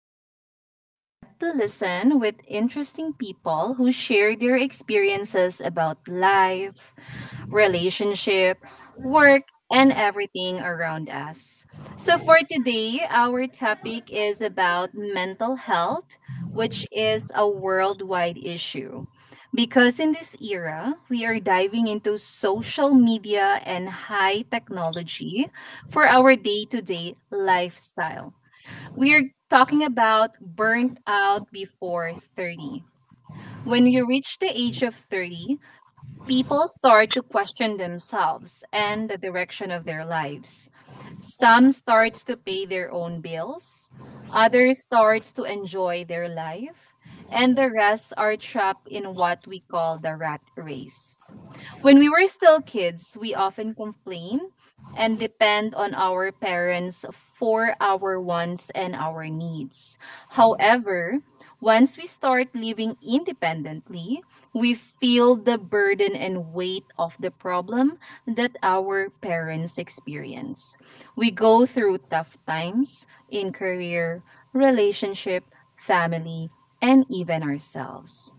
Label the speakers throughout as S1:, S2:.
S1: Podcast, where we get to listen with interesting people who share their experiences about life, relationship, work, and everything around us. So, for today, our topic is about mental health, which is a worldwide issue. Because in this era, we are diving into social media and high technology for our day to day lifestyle. We are talking about burnt out before 30. When you reach the age of 30, people start to question themselves and the direction of their lives. Some starts to pay their own bills, others starts to enjoy their life, and the rest are trapped in what we call the rat race. When we were still kids, we often complain and depend on our parents for our wants and our needs. However, once we start living independently, we feel the burden and weight of the problem that our parents experience. We go through tough times in career, relationship, family, and even ourselves.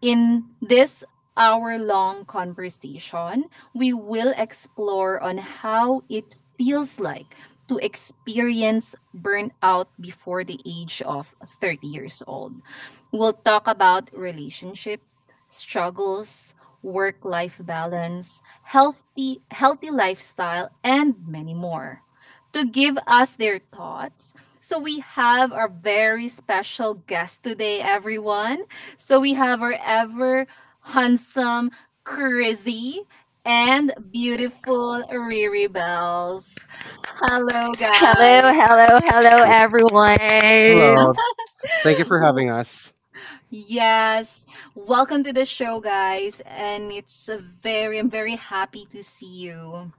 S1: In this hour long conversation, we will explore on how it feels like to experience burnout before the age of 30 years old. We'll talk about relationship, struggles, work life balance, healthy lifestyle and many more. To give us their thoughts, so we have our very special guest today everyone. So we have our ever handsome, crazy, and beautiful Riri Bells. Hello,
S2: Hello,
S1: guys.
S2: hello, hello, everyone.
S3: Hello. Thank you for having
S1: W-
S3: us.
S1: Yes, welcome to the show, guys. And it's I'm very happy to see you.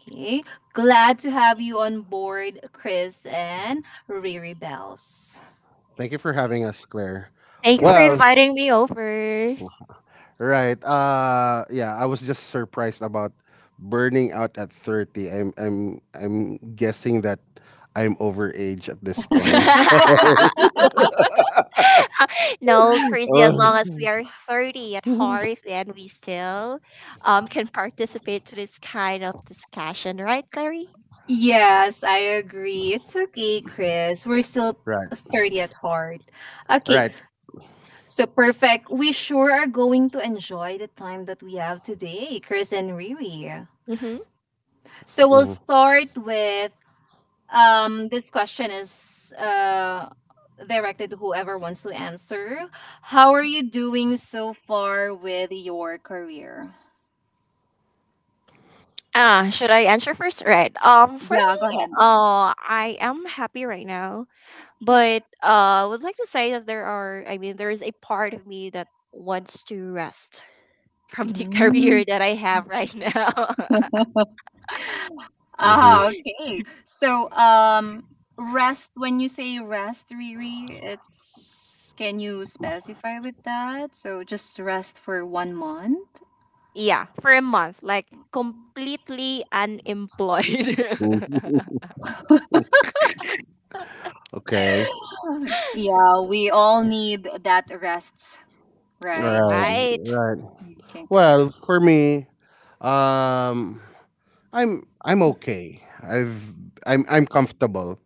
S1: Okay, glad to have you on board, Chris and Riri Bells.
S3: Thank you for having us, Claire.
S2: Thank you for
S3: Well,
S2: inviting me over.
S3: right. Yeah, I was just surprised about burning out at 30. I'm guessing that I'm overage at this point.
S2: no, crazy as long as we are 30 at heart and we still can participate to this kind of discussion, right, Clary?
S1: Yes, I agree. It's okay, Chris. We're still
S3: Right.
S1: 30 at heart. Okay,
S3: Right.
S1: so perfect. We sure are going to enjoy the time that we have today, Chris and Riri.
S2: Mm-hmm.
S1: So we'll start with this question is directed to whoever wants to answer. How are you doing so far with your career?
S2: Ah, should I answer first? Right. For
S1: Yeah, go
S2: me,
S1: ahead.
S2: I am happy right now. But I would like to say that I mean, there is a part of me that wants to rest from the
S1: Mm.
S2: career that I have right now.
S3: Mm-hmm.
S1: Ah, okay. So, rest, when you say rest, Riri, can you specify with that? So, just rest for one month?
S2: yeah, for a month, like completely unemployed.
S3: Okay.
S1: Yeah, we all need that rest, right?
S3: Right.
S1: Especially,
S2: right,
S3: Right.
S1: okay.
S3: Well, for me, um I'm okay. I've I'm comfortable.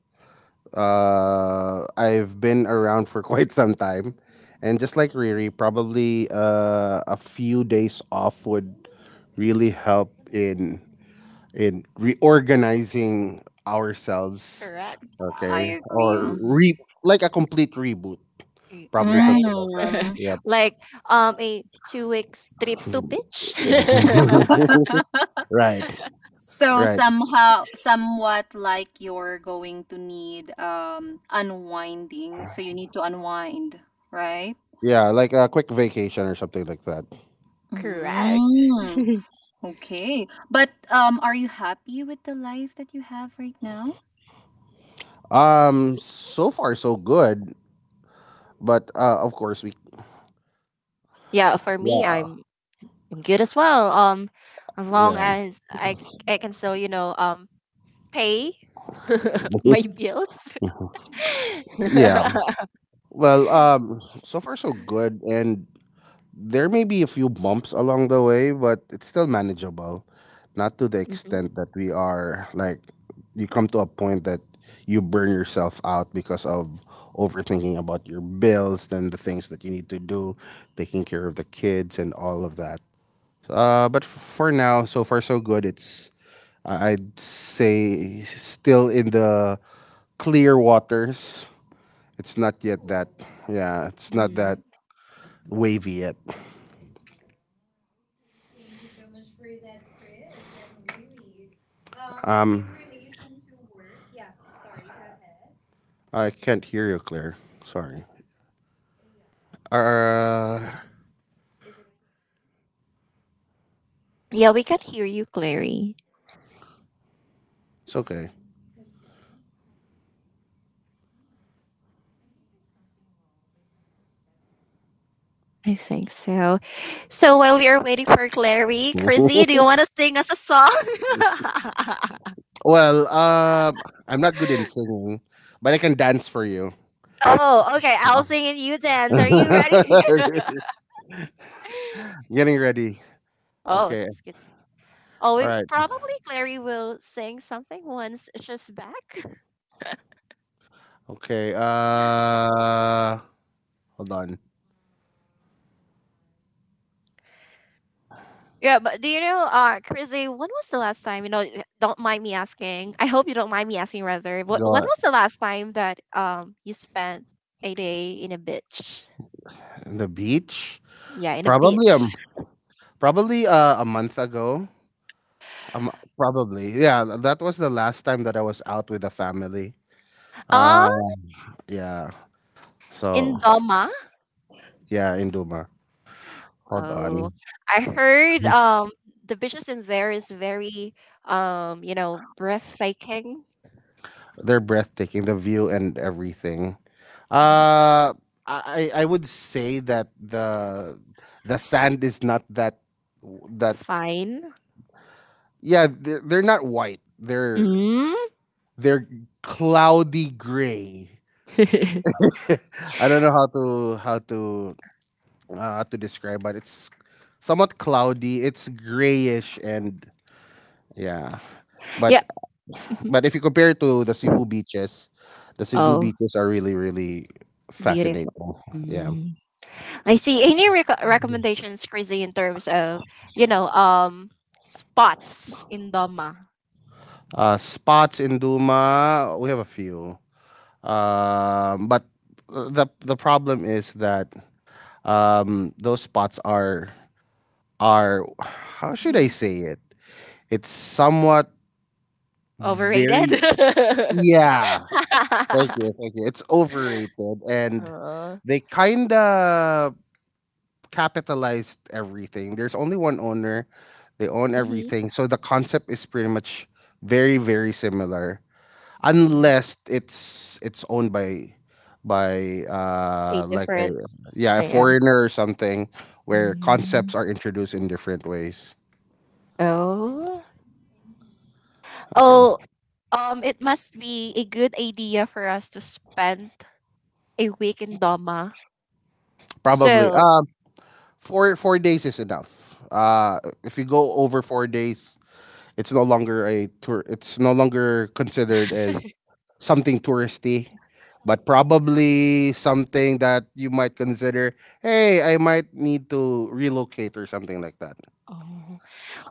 S3: I've been around for quite some time, and just like Riri, probably a few days off would really help in reorganizing ourselves.
S2: correct.
S1: I
S3: Okay,
S1: agree.
S3: or re
S1: Mhm.
S3: like a complete reboot, probably
S2: Right.
S3: something like that.
S1: Mm.
S3: Yep.
S2: like a 2 weeks trip to beach.
S3: Right,
S1: So
S3: right.
S1: somehow, somewhat like you're going to need unwinding. So you need to unwind, right?
S3: Yeah, like a quick vacation or something like that.
S2: correct.
S1: Mm. Okay. But are you happy with the life that you have right now?
S3: So far so good, but of course we.
S2: Yeah, for me,
S3: Yeah,
S2: I'm good as well. As long
S3: yeah.
S2: as I can still pay my bills.
S3: Yeah. Well, so far so good, and there may be a few bumps along the way, but it's still manageable. Not to the
S2: Mhm,
S3: extent that we are like, you come to a point that you burn yourself out because of overthinking about your bills, then the things that you need to do, taking care of the kids, and all of that. But for now, so far so good. It's I'd say still in the clear waters. It's not yet that. Yeah, it's not that
S2: mhm.
S3: wavy yet. I can't hear you, Clear. Sorry. Uh,
S2: Yeah, we can hear you, Clary.
S3: it's okay.
S2: I think so. So while we are waiting for Clary, Chrissy, do you want to sing us a song?
S3: Well, I'm not good in singing, but I can dance for you.
S2: oh, okay. I'll sing and you dance. Are you ready?
S3: Getting ready.
S2: oh,
S3: Okay.
S2: that's good.
S3: All right.
S2: Probably Clary will sing something once she's back.
S3: Okay. Hold on.
S2: Yeah, but do you know, Chrissy, when was the last time, don't mind me asking. I hope you don't mind me asking rather. What when
S3: Go
S2: was the last time that you spent a day in a beach?
S3: The beach.
S2: Yeah, in a
S3: Probably um.
S2: beach.
S3: Probably a month ago. Um, probably yeah. That was the last time that I was out with the family. Uh,
S2: Uh
S3: yeah. So
S2: in Doma.
S3: yeah, Induma. Hold
S2: Oh.
S3: on.
S2: I heard the beaches in there is very you know, breathtaking.
S3: They're breathtaking, the view and everything.
S2: Yeah.
S3: Uh, I would say that the sand is not that that
S2: Fine.
S3: yeah, they're not white. They're
S2: Mm.
S3: they're cloudy gray. I don't know how to how to describe, but it's somewhat cloudy. It's grayish and yeah.
S2: yeah.
S3: But
S2: Mhm.
S3: But if you compare to the Cebu
S2: Oh,
S3: beaches are really, really
S2: beautiful.
S3: fascinating. Yeah.
S2: I see. Any recommendations, Chrissy, in terms of you know um spots in Doma?
S3: Spots in Duma, we have a few. But the problem is that those spots are are how should I
S2: Mhm.
S3: say it? It's somewhat
S2: Overrated.
S3: very yeah. Thank you, thank you. It's overrated, and
S2: uh,
S3: they kinda capitalized everything. There's only one owner. They own
S2: mhm.
S3: everything. So the concept is pretty much very very similar
S2: Mhm.
S3: unless it's owned by
S2: A
S3: like a
S2: different.
S3: yeah, a
S2: Yeah.
S3: foreigner or something where
S2: Mhm.
S3: concepts are introduced in different ways.
S2: Oh. Oh.
S3: Okay.
S2: Um, it must be a good idea for us to spend a week in Doma.
S3: Probably.
S2: So.
S3: Four days is enough. Uh, if you go over 4 days, it's no longer a tour. It's no longer considered as something touristy, but probably something that you might consider. Hey, I might need to relocate or something like that.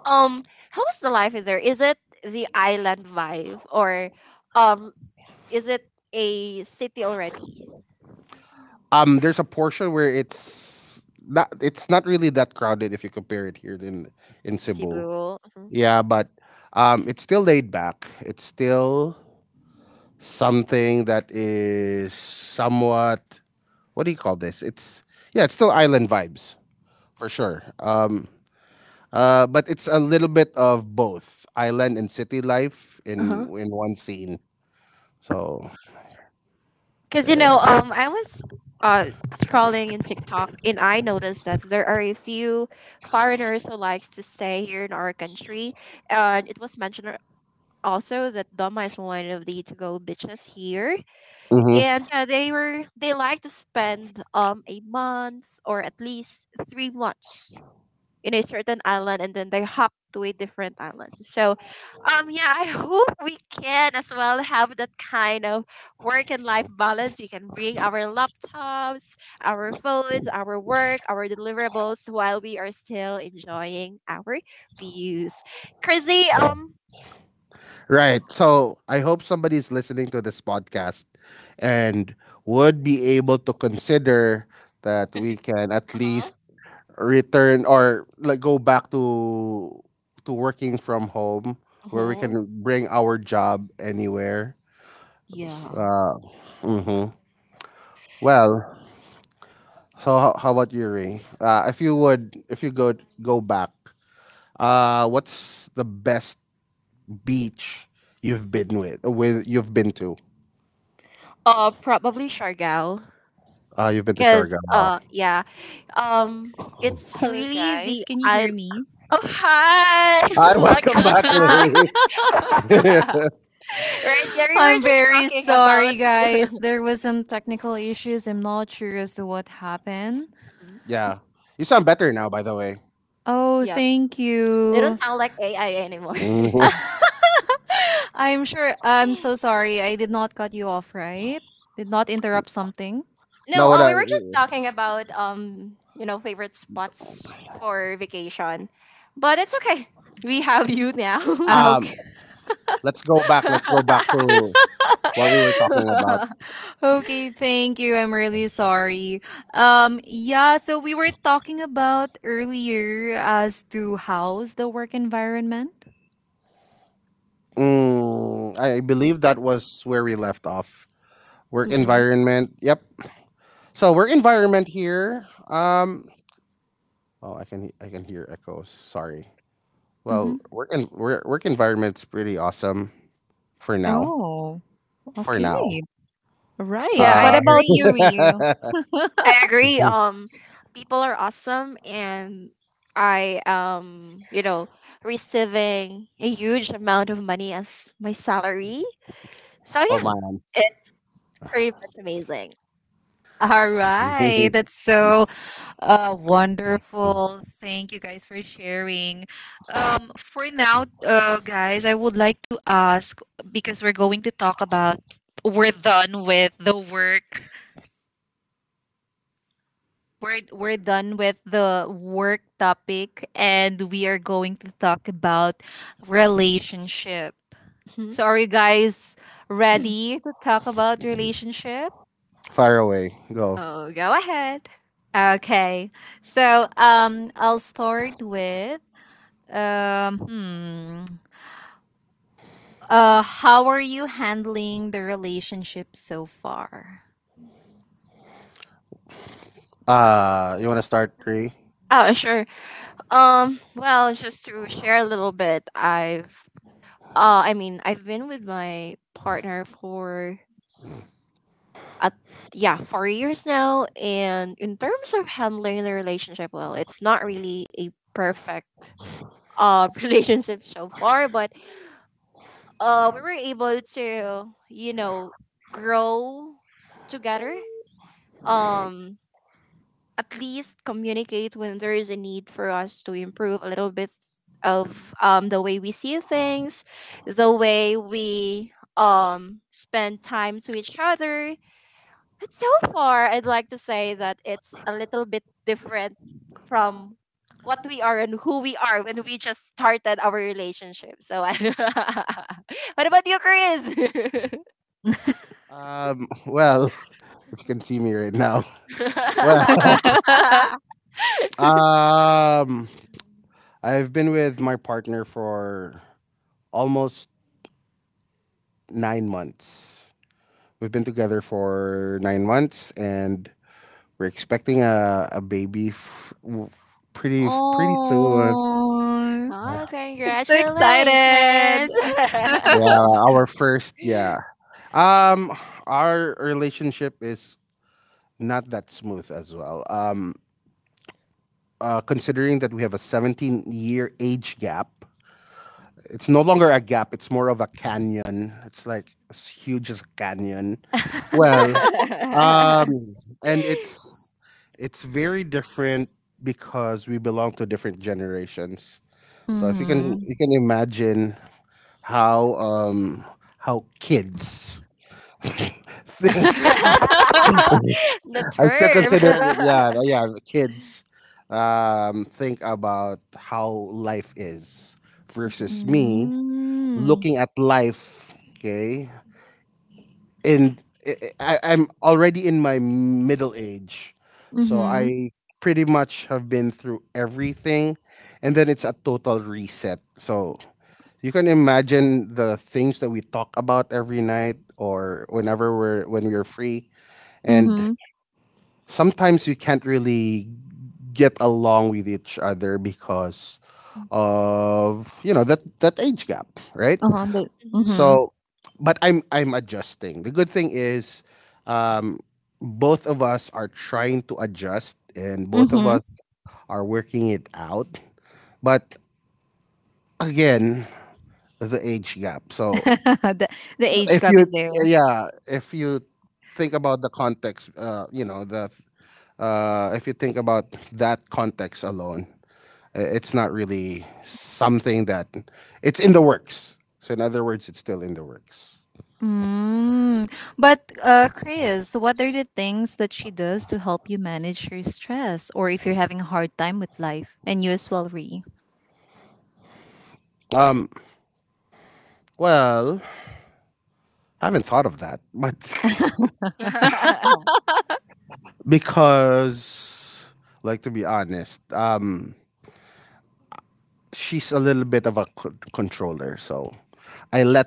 S2: Um, how is the life in there? Is it the island vibe or um is it a city already?
S3: There's a portion where it's not. It's not really that crowded if you compare it here in Cebu.
S2: Cebu.
S3: Yeah, but it's still laid back. It's still something that is somewhat. What do you call this? It's yeah, it's still island vibes. For sure. But it's a little bit of both island and city life in
S2: Uh-huh.
S3: one scene. So
S2: Cause you
S3: yeah.
S2: know, I was scrolling in TikTok and I noticed that there are a few foreigners who likes to stay here in our country. And it was mentioned also that Doma is one of the to go beaches here,
S3: Hmm,
S2: and yeah, they like to spend a month or at least 3 months in a certain island and then they hop to a different island. So yeah, I hope we can as well have that kind of work and life balance. We can bring our laptops, our phones, our work, our deliverables while we are still enjoying our views. Crazy.
S3: right. So I hope somebody's listening to this podcast and would be able to consider that we can at
S2: Uh-huh,
S3: least return or like go back to working from home where we
S2: uh-huh,
S3: can bring our job anywhere.
S2: yeah.
S3: Uh, mhm. Well, so how about you, Ray? If you would, if you go back, what's the best beach you've been with? With you've been to?
S2: Probably Shargal.
S3: You've been to Siargao.
S2: Cause yeah, it's
S1: Hello,
S2: really
S1: guys.
S2: the
S1: Can you
S2: I
S1: hear me?
S2: Oh hi.
S3: Wow. And welcome
S2: welcome
S3: back,
S2: back.
S3: Ray.
S2: right, here we were
S1: I'm
S2: just
S1: very
S2: talking about.
S1: sorry, guys. There was some technical issues. I'm not sure as to what happened.
S2: Mhm.
S3: Yeah, you sound better now, by the way.
S1: Oh,
S2: Yep,
S1: thank
S2: they don't
S1: you.
S2: sound like AI anymore.
S3: Mhm.
S1: I'm sure. I'm so sorry. I did not cut you off, right? Did not interrupt something.
S3: no,
S2: no,
S3: what I-
S2: we were just talking about you know, favorite spots for vacation, but it's okay, we have you now.
S1: Ah,
S3: um,
S1: okay.
S3: let's go back. Let's go back to what we were talking about.
S1: Okay, thank you. I'm really sorry. Yeah, so we were talking about earlier as to how's the work environment.
S3: Mm, I believe that was where we left off. Work
S2: Mm-mm.
S3: environment. Yep. So work environment here. Oh, I can hear echoes. Sorry. Well,
S1: Mm-hmm.
S3: work en- work work environment's pretty awesome for now.
S1: Oh,
S3: For now.
S1: okay. Right.
S2: Yeah,
S1: What
S3: Uh,
S1: about you, Rhea?
S2: I agree. People are awesome, and I am, you know, receiving a huge amount of money as my salary. So
S3: oh
S2: yeah,
S3: man.
S2: it's pretty much amazing.
S1: All right, that's so wonderful. Thank you guys for sharing. For now, guys, I would like to ask because we're going to talk about we're done with the work. we're done with the work topic, and we are going to talk about relationship.
S2: Mhm.
S1: So, are you guys ready to talk about relationship?
S3: Fire away. Go.
S2: Oh, go ahead.
S1: Okay. So, I'll start with Um, hmm. How are you handling the relationship so far?
S3: You want to start three?
S2: Oh, sure. Well, just to share a little bit, I mean, I've been with my partner for a yeah, 4 years now, and in terms of handling the relationship, well, it's not really a perfect relationship so far, but we were able to, you know, grow together. Um, at least communicate when there is a need for us to improve a little bit of the way we see things, the way we spend time to each other, but so far, I'd like to say that it's a little bit different from what we are and who we are when we just started our relationship. So, I. what about you, Chris?
S3: Well, if you can see me right now. Well, um, I've been with my partner for almost 9 months. We've been together for 9 months, and we're expecting a, a baby pretty pretty soon.
S1: Oh,
S2: oh,
S1: I'm so
S2: congratulations!
S1: excited.
S3: Yeah, our first, yeah. Um our relationship is not that smooth as well. Considering that we have a 17-year age gap. It's no longer a gap, it's more of a canyon. It's like as huge as a canyon. Well, um and it's very different because we belong to different generations. So if you can,
S1: Mm-hmm.
S3: you can imagine how kids think.
S2: the
S3: I still
S2: term.
S3: consider it- yeah yeah, the kids think about how life is
S2: Mhm.
S3: versus me
S1: Mm-hmm.
S3: looking at life. Okay, and I'm already in my middle age, so
S1: Mm-hmm.
S3: I pretty much have been through everything, and then it's a total reset. So you can imagine the things that we talk about every night or whenever we're when we're free, and
S1: Mm-hmm.
S3: sometimes we can't really get along with each other because of, you know, that that age gap, right?
S1: Uh-huh. Mm-hmm.
S3: So but I'm adjusting. The good thing is, um both of us are trying to adjust and both of
S1: Mm-hmm.
S3: us are working it out. But again, the age gap. So
S1: the, the age
S3: if
S1: gap
S3: you
S1: is there.
S3: yeah if you think about the context you know the if you think about that context alone, I- it's not really something that it's in the works. So in other words, it's still in the works.
S1: Mm. But Chris, what are the things that she does to help you manage your stress or if you're having a hard time with life? And you as well, Ree.
S3: um well, I haven't thought of that, but
S2: Mhm.
S3: because, like, to be honest, she's a little bit of a controller, so I let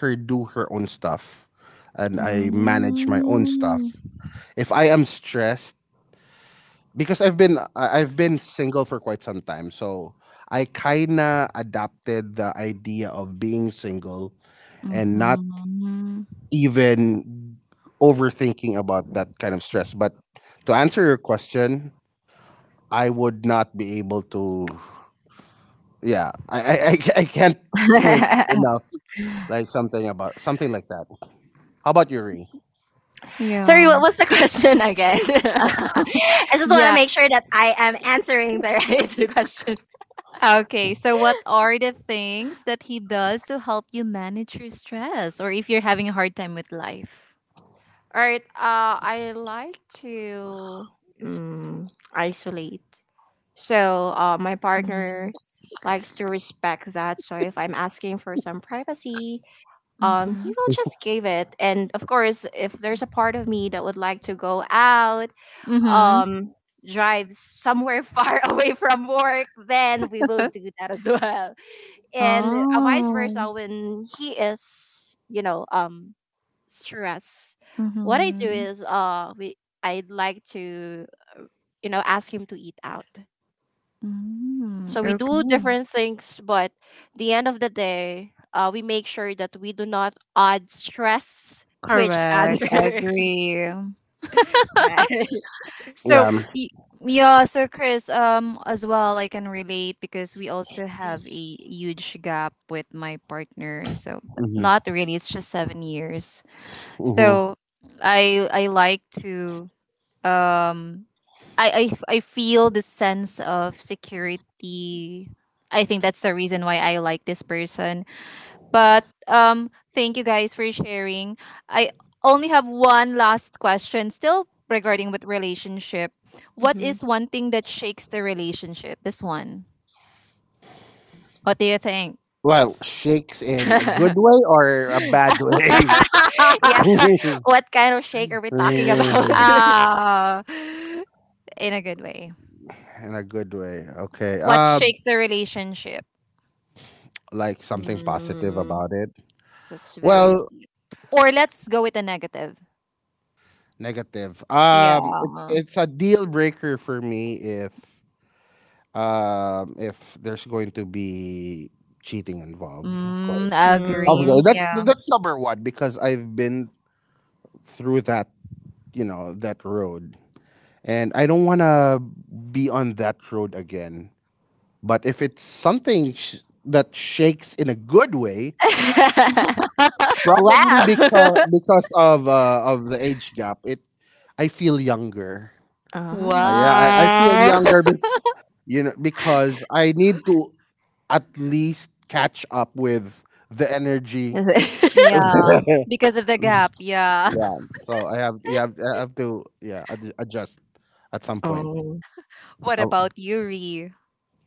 S3: her do her own stuff and I manage my own
S1: Mm.
S3: stuff. If I am stressed, because I've been single for quite some time, so I kinda adapted the idea of being single and not
S1: Mhm.
S3: even overthinking about that kind of stress. But to answer your question, I would not be able to. Yeah, I I can't point enough like something about something like that. How about you, Ray?
S2: Sorry,
S1: Yeah.
S2: what was the question again? I just want to
S1: Yeah.
S2: make sure that I am answering the right question.
S1: Okay. So, what are the things that he does to help you manage your stress or if you're having a hard time with life?
S2: All right. I like to, mm, isolate. So my
S1: Mm.
S2: partner likes to respect that. So if I'm asking for some privacy, he
S1: Mm-hmm.
S2: will just give it. And of course, if there's a part of me that would like to go out,
S1: Mm-hmm.
S2: um, drive somewhere far away from work, then we will do that as well. And vice
S1: Oh.
S2: versa, when he is, you know, stressed, what I do
S1: Mm-hmm.
S2: is we I'd like to, uh, you know, ask him to eat out.
S1: Mm.
S2: So we do
S1: Okay.
S2: different things, but the end of the day, we make sure that we do not add stress to each
S1: Correct. I
S2: other.
S1: agree.
S2: right.
S3: Yeah.
S1: So y- yeah, so Chris, as well, I can relate because we also have a huge gap with my partner. So, but
S3: Mm-hmm.
S1: not really. It's just 7 years.
S3: Mm-hmm.
S1: So, I like to um, I f- I feel the sense of security. I think that's the reason why I like this person but thank you guys for sharing. I only have one last question, still regarding with relationship. What
S2: Hmm.
S1: is one thing that shakes the relationship? This one. What do you think?
S3: Well, shakes in a good way or a bad way?
S2: yeah, what kind of shake are we talking about?
S1: Ah, in a good way.
S3: In a good way. Okay.
S1: What shakes the relationship?
S3: Like something positive
S2: Mm,
S3: about it.
S2: that's very
S3: Well,
S2: deep.
S1: Or let's go with the negative.
S3: negative.
S1: Yeah.
S3: It's a deal breaker for me if there's going to be cheating involved. Of
S1: Mm,
S3: course.
S1: I
S3: Of
S1: agree.
S2: Mm.
S3: course.
S1: Yeah.
S3: That's number one, because I've been through that, you know, that road, and I don't want to be on that road again. But if it's something that shakes in a good way, probably
S2: wow.
S3: because because of the age gap, it I feel younger.
S2: Ah.
S3: Yeah, I feel
S1: Wow.
S3: younger. You know, because I need to at least catch up with the energy.
S1: Yeah.
S3: Yeah.
S1: Because of the gap. Yeah.
S3: So I have yeah I have to yeah adjust at some point.
S2: Oh.
S1: What
S3: Oh.
S1: about you, Ree?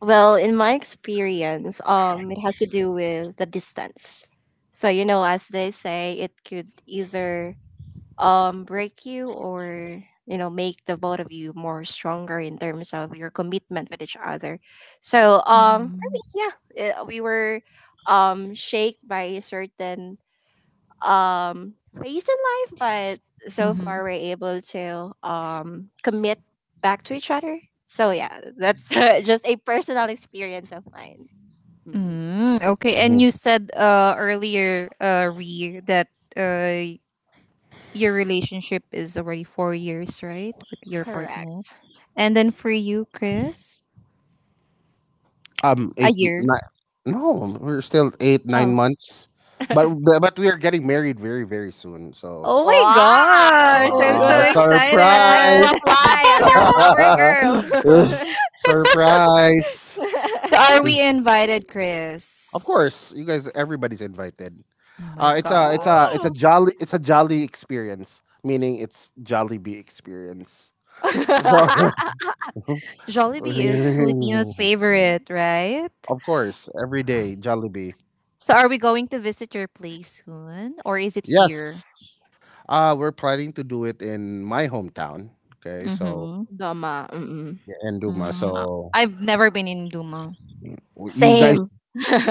S2: Well, in my experience, it has to do with the distance. So you know, as they say, it could either break you or you know make the both of you more stronger in terms of your commitment with each other. So for me,
S1: Mhm.
S2: we were shaped by certain um phase in life, but so
S1: Mhm.
S2: far we're able to commit back to each other. So yeah, that's just a personal experience of mine. Mm,
S1: Mm, okay, and you said earlier, Ree, that uh your relationship is already 4 years, right, with your partner,
S2: correct.
S1: and then for you, Chris, a
S3: eight
S1: year.
S3: nine, no, we're still eight nine
S1: Oh,
S3: months but but we are getting married very very soon. So
S1: oh my gosh, I'm
S3: ah,
S1: so
S2: Wow. I'd like to
S1: excited.
S3: surprise.
S2: apply as your flower girl.
S3: Surprise.
S1: So, are we invited,
S3: Of
S1: Chris?
S3: course, you guys, everybody's invited.
S1: Oh my gosh,
S2: oh.
S3: It's a jolly experience, meaning it's jolly bee experience. So
S1: Jollibee is Filipino's favorite, right?
S3: of course, every day Jollibee.
S1: So, are we going to visit your place soon, or is it here?
S3: Yes, uh, we're planning to do it in my hometown. Okay, so
S1: Mhm.
S2: Doma. Mm-mm.
S3: yeah, in Duma.
S1: Mm,
S3: So
S1: I've never been in Duma.
S3: w- you
S2: Same.
S3: guys,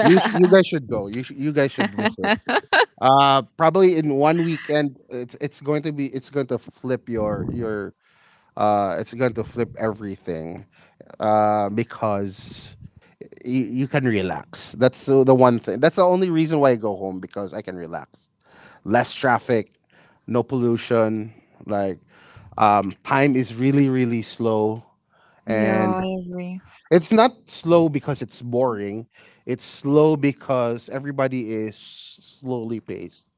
S3: you guys should go. You guys should visit. Probably in one weekend. It's going to be it's going to flip your it's going to flip everything. Because you, you can relax. That's the one thing. That's the only reason why I go home, because I can relax. Less traffic, no pollution. Like, time is really really slow,
S1: Yeah,
S3: and
S1: I agree.
S3: it's not slow because it's boring. It's slow because everybody is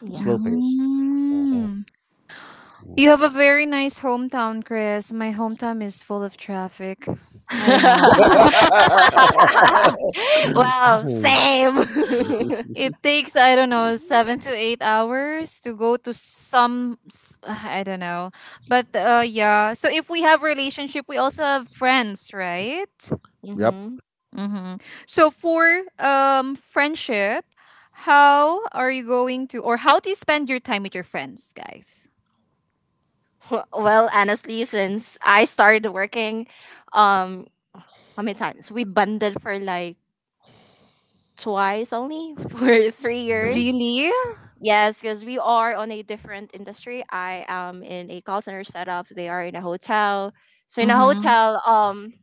S2: Yeah.
S3: slow paced. Mhm.
S1: Mm. You have a very nice hometown, Chris. My hometown is full of traffic. I don't know.
S2: wow, same.
S1: It takes, I don't know, 7 to 8 hours to go to some, I don't know. But yeah, so if we have relationship, we also have friends, right?
S3: Yep.
S2: Mm-hmm.
S1: Mm-hmm. So for friendship, how are you going to or how do you spend your time with your friends, guys?
S2: well, honestly, since I started working, um, how many times? We bonded for like twice only for three
S3: Hmm.
S2: years.
S1: Really?
S2: Yes, because we are on a different industry. I am in a call center setup. They are in a hotel. So in a
S1: Mm-hmm.
S2: hotel,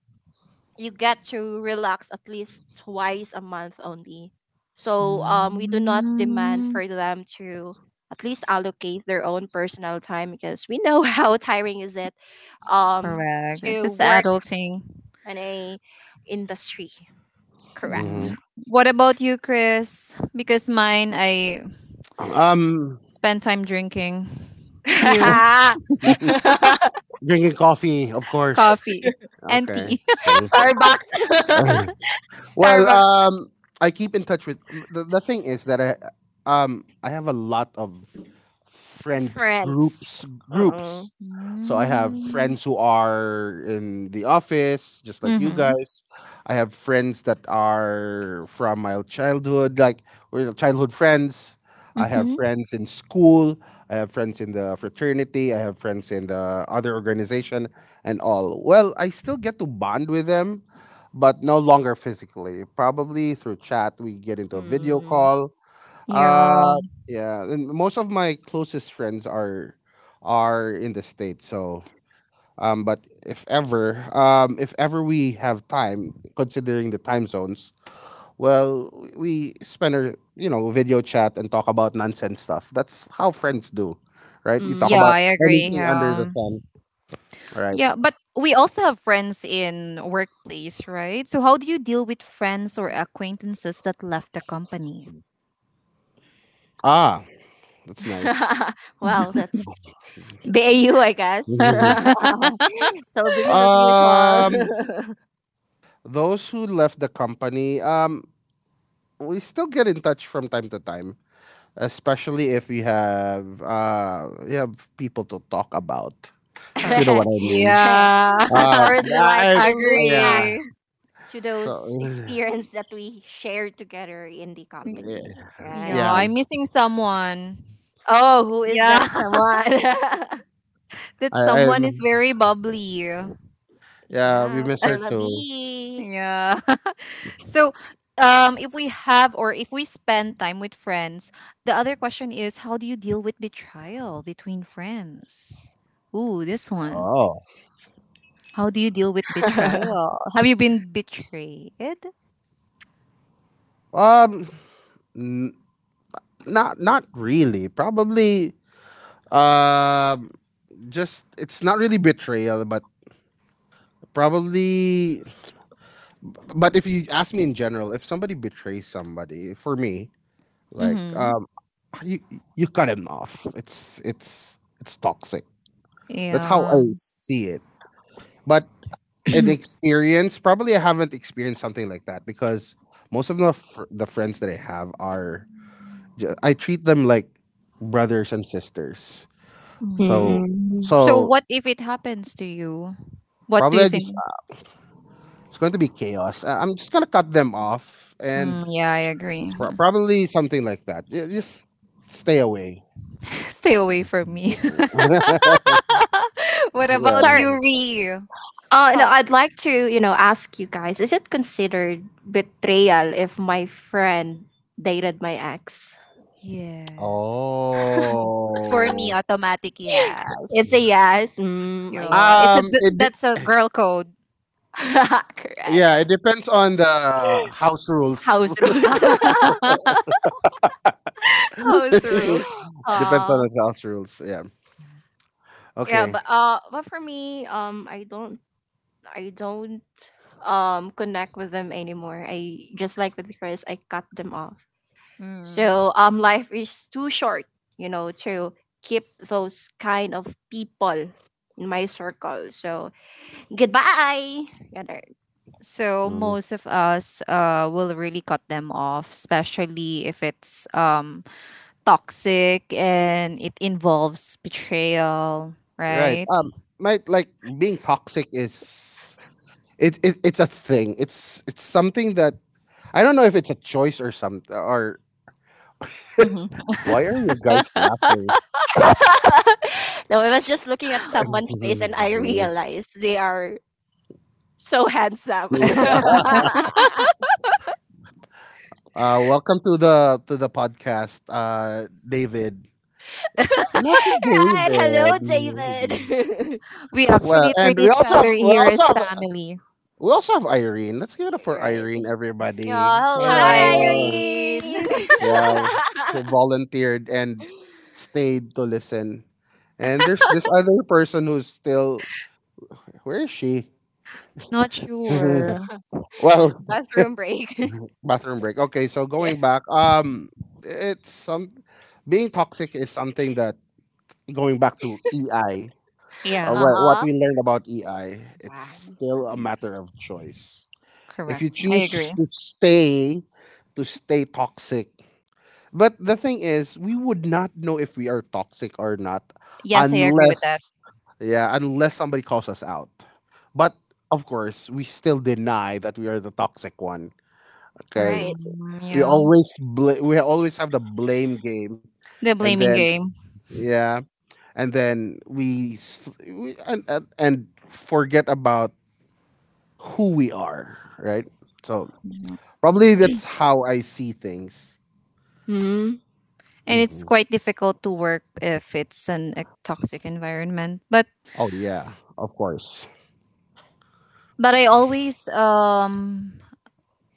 S2: you get to relax at least twice a month only. So we do not demand
S1: Mm.
S2: for them to at least allocate their own personal time, because we know how tiring is it, um,
S1: Correct.
S2: to
S1: That's
S2: work
S1: adulting.
S2: in a industry.
S1: Mm.
S2: Correct.
S1: What about you, Chris? Because mine, I
S3: um
S1: spend time drinking. You,
S3: drinking coffee, of course.
S1: coffee and
S3: Okay.
S1: tea.
S2: Starbucks.
S3: Well,
S1: Starbucks.
S3: I keep in touch with the thing is that I have a lot of friend
S2: friends.
S3: groups
S2: Uh-uh.
S3: groups. So I have
S1: Mm.
S3: friends who are in the office, just like you
S1: Mm-hmm.
S3: guys. I have friends that are from my childhood, like we're childhood friends. I have
S1: Mm-hmm.
S3: friends in school. I have friends in the fraternity. I have friends in the other organization and all. Well, I still get to bond with them, but no longer physically. Probably through chat, we get into a video
S2: Mm,
S3: call.
S1: Yeah.
S3: Uh, yeah, and most of my closest friends are in the states. So, but if ever we have time, considering the time zones, well, we spend our, you know, video chat and talk about nonsense stuff. That's how friends do, right? You talk
S1: Yeah,
S2: mm.
S3: about
S1: I agree.
S3: anything under the
S1: Yeah.
S3: sun. All right.
S1: Yeah, but we also have friends in workplace, right? So how do you deal with friends or acquaintances that left the company?
S3: Ah, that's nice.
S2: well, that's BAU, I guess. So business as usual.
S3: Um, Those who left the company, we still get in touch from time to time, especially if we have people to talk about. You know
S1: Correct.
S3: what I mean?
S1: Yeah.
S2: and of
S3: Uh,
S2: course, we like
S3: I
S2: to look
S3: Yeah.
S2: back
S1: Agree.
S2: to
S3: So
S2: those experience that we shared together in the
S1: Y-
S3: yeah,
S2: company,
S1: Yeah,
S3: yeah.
S2: right?
S1: I'm missing someone.
S2: Oh, who is
S1: Yeah.
S2: that someone?
S1: That
S3: I,
S1: someone
S3: I'm
S1: is very bubbly.
S3: Yeah. We
S2: yeah,
S3: miss her
S2: Perla
S3: too.
S2: B.
S1: Yeah. So if we spend time with friends, the other question is how do you deal with betrayal between friends? Ooh, this one.
S3: Oh.
S1: How do you deal with betrayal? Have you been betrayed?
S3: Um, n- not really. Probably, um just it's not really betrayal, but probably but if you ask me in general, if somebody betrays somebody, for me, like
S1: Mm-hmm.
S3: um, you you cut him off. It's toxic. That's how
S1: Yeah.
S3: I see it. But in experience, probably I haven't experienced something like that because most of the the friends that I have are I treat them like brothers and sisters.
S1: Mhm.
S3: So
S2: Mm.
S1: So
S3: so
S1: what if it happens to you? What do
S3: probably,
S1: you
S3: I just
S1: think?
S3: it's going to be chaos. I'm just gonna cut them off
S1: Mm,
S3: and
S1: yeah, I agree.
S3: probably something like that. Just stay away.
S1: Stay away from me. What about
S3: Yeah.
S2: Sorry.
S1: you, Ree? How?
S2: No, I'd like to, you know, ask you guys, is it considered betrayal if my friend dated my ex?
S1: Yes. For me,
S3: Oh.
S1: automatic
S2: It's a
S1: yes.
S3: Yeah.
S2: yes. Mm, I
S1: Yeah,
S2: see.
S1: it's a
S3: Um. It. De-
S1: that's a girl code.
S2: Correct.
S3: yeah. It
S2: Yeah.
S3: depends on the house
S2: House
S3: rules.
S2: rules.
S1: House rules.
S3: Depends on
S2: uh,
S3: the house rules. Yeah.
S2: yeah,
S3: Okay.
S2: but for me, I don't, connect with them anymore. I just like with Chris, I cut them off.
S1: Mm.
S2: So life is too short, you know, to keep those kind of people in my circle. So goodbye. Yeah, there.
S1: So
S3: Mhm.
S1: most of us will really cut them off, especially if it's toxic and it involves betrayal,
S3: Right.
S1: right?
S3: Might, like, being toxic is it. It's a thing. It's something that I don't know if it's a choice or something or.
S1: Mhm.
S3: Why are you guys laughing?
S2: no, I was just looking at someone's face and I realized they are so handsome. right.
S3: Welcome to the podcast, David. And that's David.
S2: Hello,
S3: Maybe.
S2: David.
S1: We
S3: Well,
S1: actually
S3: and
S1: treat
S3: we
S1: each
S3: also have
S1: other
S3: we
S1: here
S3: also
S1: as
S3: have
S1: family.
S3: we also have Irene. Let's give it up for
S2: right.
S3: Irene,
S1: Yeah,
S3: everybody.
S1: hello,
S2: Hi,
S3: Hello.
S1: Irene.
S2: Irene.
S3: Yeah, who volunteered and stayed to listen. And there's this other person who's still where is she?
S1: Not sure.
S3: Well,
S2: Bathroom break.
S3: bathroom break. Okay, so
S2: Yeah.
S3: going back, it's some being toxic is something that going back to EI.
S1: Yeah,
S3: Well, what
S2: Uh-uh.
S3: we learned about EI, it's
S2: Yeah.
S3: still a matter of choice. If
S1: correct.
S3: you
S1: I
S3: choose
S1: agree.
S3: to stay toxic. But the thing is, we would not know if we are toxic or not,
S1: Yes, I agree with that.
S3: unless, yeah, unless somebody calls us out. But of course, we still deny that we are the toxic one. Okay.
S2: Right.
S1: Mm,
S3: We
S1: yeah,
S3: always we always have the blame game,
S1: the
S3: and
S1: blaming
S3: then,
S1: game.
S3: yeah, and then we and, and forget about who we are, right? So
S1: Yeah.
S3: probably that's how I see things.
S2: Mm.
S1: And it's
S3: Mhm.
S1: quite difficult to work if it's an a toxic environment. But
S3: Oh yeah, of course.
S1: But I always,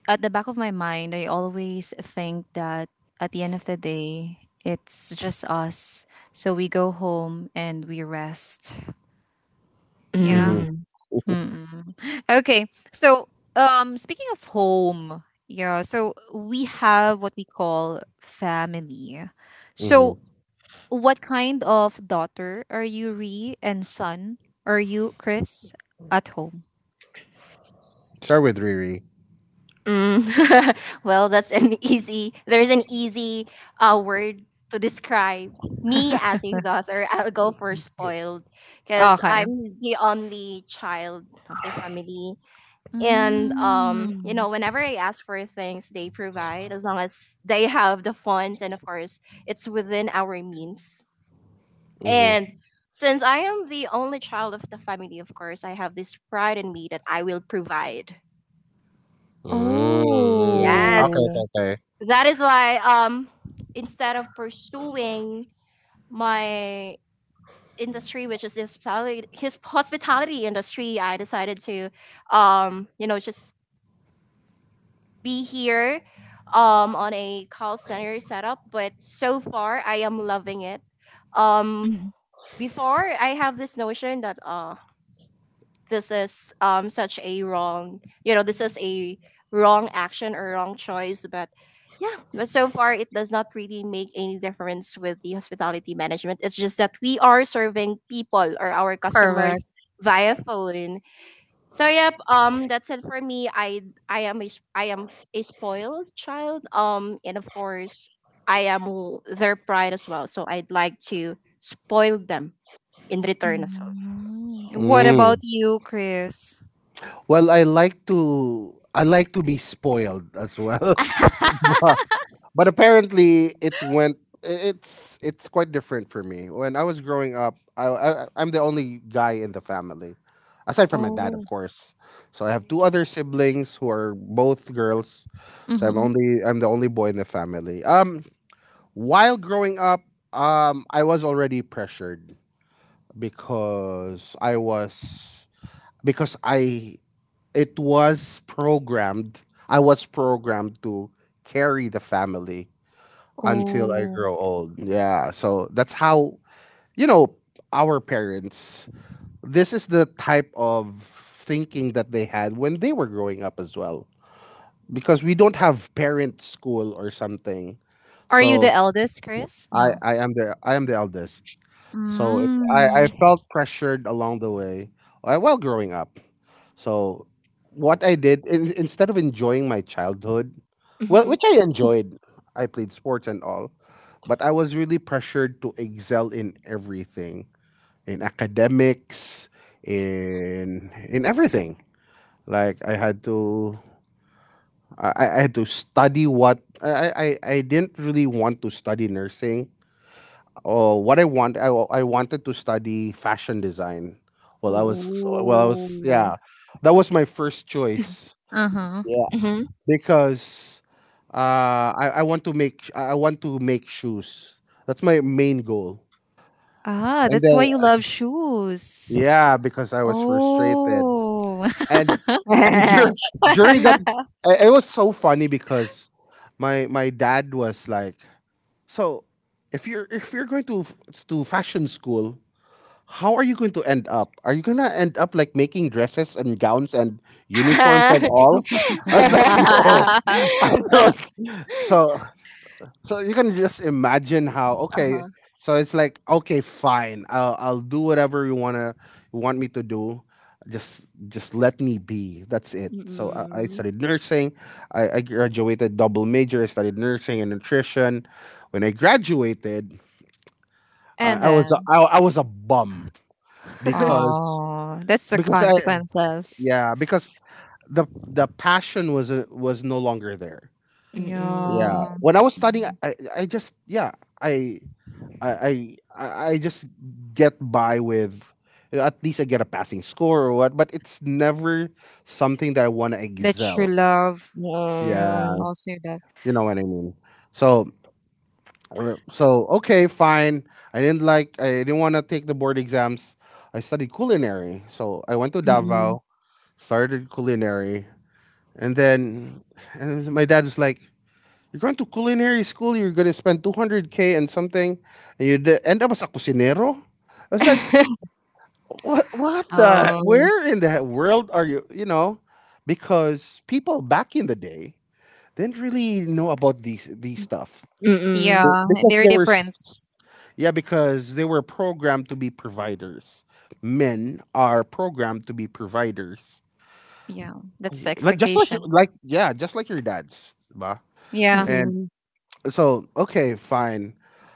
S1: at the back of my mind, I always think that at the end of the day, it's just us. So we go home and we rest.
S3: Hmm.
S1: Yeah.
S2: Mm.
S1: Mm-mm. Okay. So, speaking of home, yeah. So we have what we call family.
S3: Hmm.
S1: So, what kind of daughter are you, Ree, and son are you, Chris, at home?
S3: Start with Riri.
S2: Mm. well, that's an easy. There's an easy word to describe me as a daughter. I'll go for spoiled because
S1: Okay.
S2: I'm the only child of the family. And you know,
S1: Mm.
S2: whenever I ask for things, they provide as long as they have the funds, and of course it's within our means.
S3: Hmm.
S2: And since I am the only child of the family, of course I have this pride in me that I will provide.
S3: Mm,
S2: Yes,
S3: okay, okay,
S1: Oh.
S3: okay.
S2: that is why instead of pursuing my industry which is his hospitality industry, I decided to you know, just be here on a call center setup, but so far I am loving it. Um,
S1: Mm,
S2: before I have this notion that this is such a wrong you know this is a wrong action or wrong choice, but yeah, but so far it does not really make any difference with the hospitality management. It's just that we are serving people or our
S1: correct.
S2: customers via phone. So yep, that's it for me. I am a spoiled child. Um, and of course, their pride as well. So I'd like to spoil them in return as well.
S1: Mm. What
S3: Mm.
S1: about you, Chris?
S3: Well, I like to be spoiled as well. But apparently, it went. It's quite different for me. When I was growing up, I'm the only guy in the family, aside from my dad, of
S1: Oh.
S3: course. So I have two other siblings who are both girls. So I'm
S1: Mm-hmm.
S3: only I'm the only boy in the family. While growing up, I was already pressured because I was because I it was programmed. I was programmed to carry the family until I
S1: Oh.
S3: grow old. Yeah. So that's how, you know, our parents, this is the type of thinking that they had when they were growing up as well. Because we don't have parent school or something.
S1: Are you
S3: So
S1: the eldest, Chris? No.
S3: I am the eldest. So I
S1: Mm.
S3: felt pressured along the way, while growing up. So what I did instead of enjoying my childhood, well,
S2: Mhm.
S3: which I enjoyed, I played sports and all. But I was really pressured to excel in everything, in academics, in everything. Like I had to study what I didn't really want to study nursing. Or what I wanted to study fashion design. Well I was well I was
S1: Oh.
S3: Yeah. That was my first choice.
S1: Uh-huh.
S3: Yeah.
S2: Mhm.
S3: Because I want to make I want to make shoes. That's my main goal.
S1: Ah,
S3: And
S1: that's why
S3: then,
S1: you love shoes.
S3: yeah, because I was frustrated.
S1: Oh.
S3: And and during that it was so funny because my dad was like, "So, if you're going to to fashion school, how are you going to end up? Are you going to end up like making dresses and gowns and uniforms and all?" I was like, "No."
S2: uh-huh.
S3: I don't. So so you can just imagine how okay. So it's like, okay, fine. I'll do whatever you want me to do. Just let me be. That's it. So I
S2: Mhm.
S3: studied nursing. I graduated double major. I studied nursing and nutrition. When I graduated, I,
S1: And
S3: I was a,
S1: then.
S3: I, I was a bum because
S1: Oh, that's the
S3: because I
S1: consequences.
S3: yeah, because the passion was no longer there.
S2: Mm,
S3: Yeah,
S1: Yeah.
S2: mm.
S3: when I was studying, I just yeah I I just get by with, at least I get a passing score or what, but it's never something that I want to
S1: That you
S3: excel.
S1: love. Yeah, and
S3: Yeah,
S2: Oo.
S1: also that.
S3: you know what I mean. So so okay, fine. I didn't want to take the board exams. I studied culinary. So I went to
S2: Mm, mm.
S3: Davao, started culinary, and then and my dad was like, you're going to culinary school, you're going to spend 200K and something, and you end up as a cocinero? I was like, What the,
S2: Oh,
S3: where in the world are you, you know? Because people back in the day didn't really know about these stuff.
S1: Yeah,
S2: mm,
S3: Be- Because
S1: they're
S3: they were
S1: different.
S3: s- Yeah, because they were programmed to be providers. Men are programmed to be providers.
S1: Yeah, that's the
S3: Like just like your
S1: expectation.
S3: like yeah, just like your dads. Ba?
S1: Yeah.
S3: And
S2: mm.
S3: so okay, fine.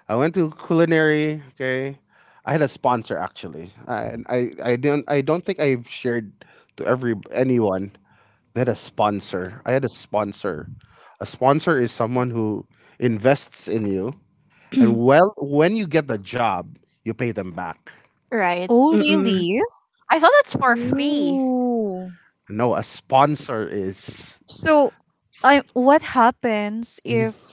S3: I went to culinary. Okay, I had a sponsor actually, and I don't think I've shared to every anyone that a sponsor. I had a sponsor. A sponsor is someone who invests in you, and
S2: Mm.
S3: well, when you get the job, you pay them back.
S2: Right.
S1: Oh,
S2: Mm. Mm.
S1: really?
S2: I thought it's for free.
S1: Ooh.
S3: No, a sponsor is
S1: So, I what happens if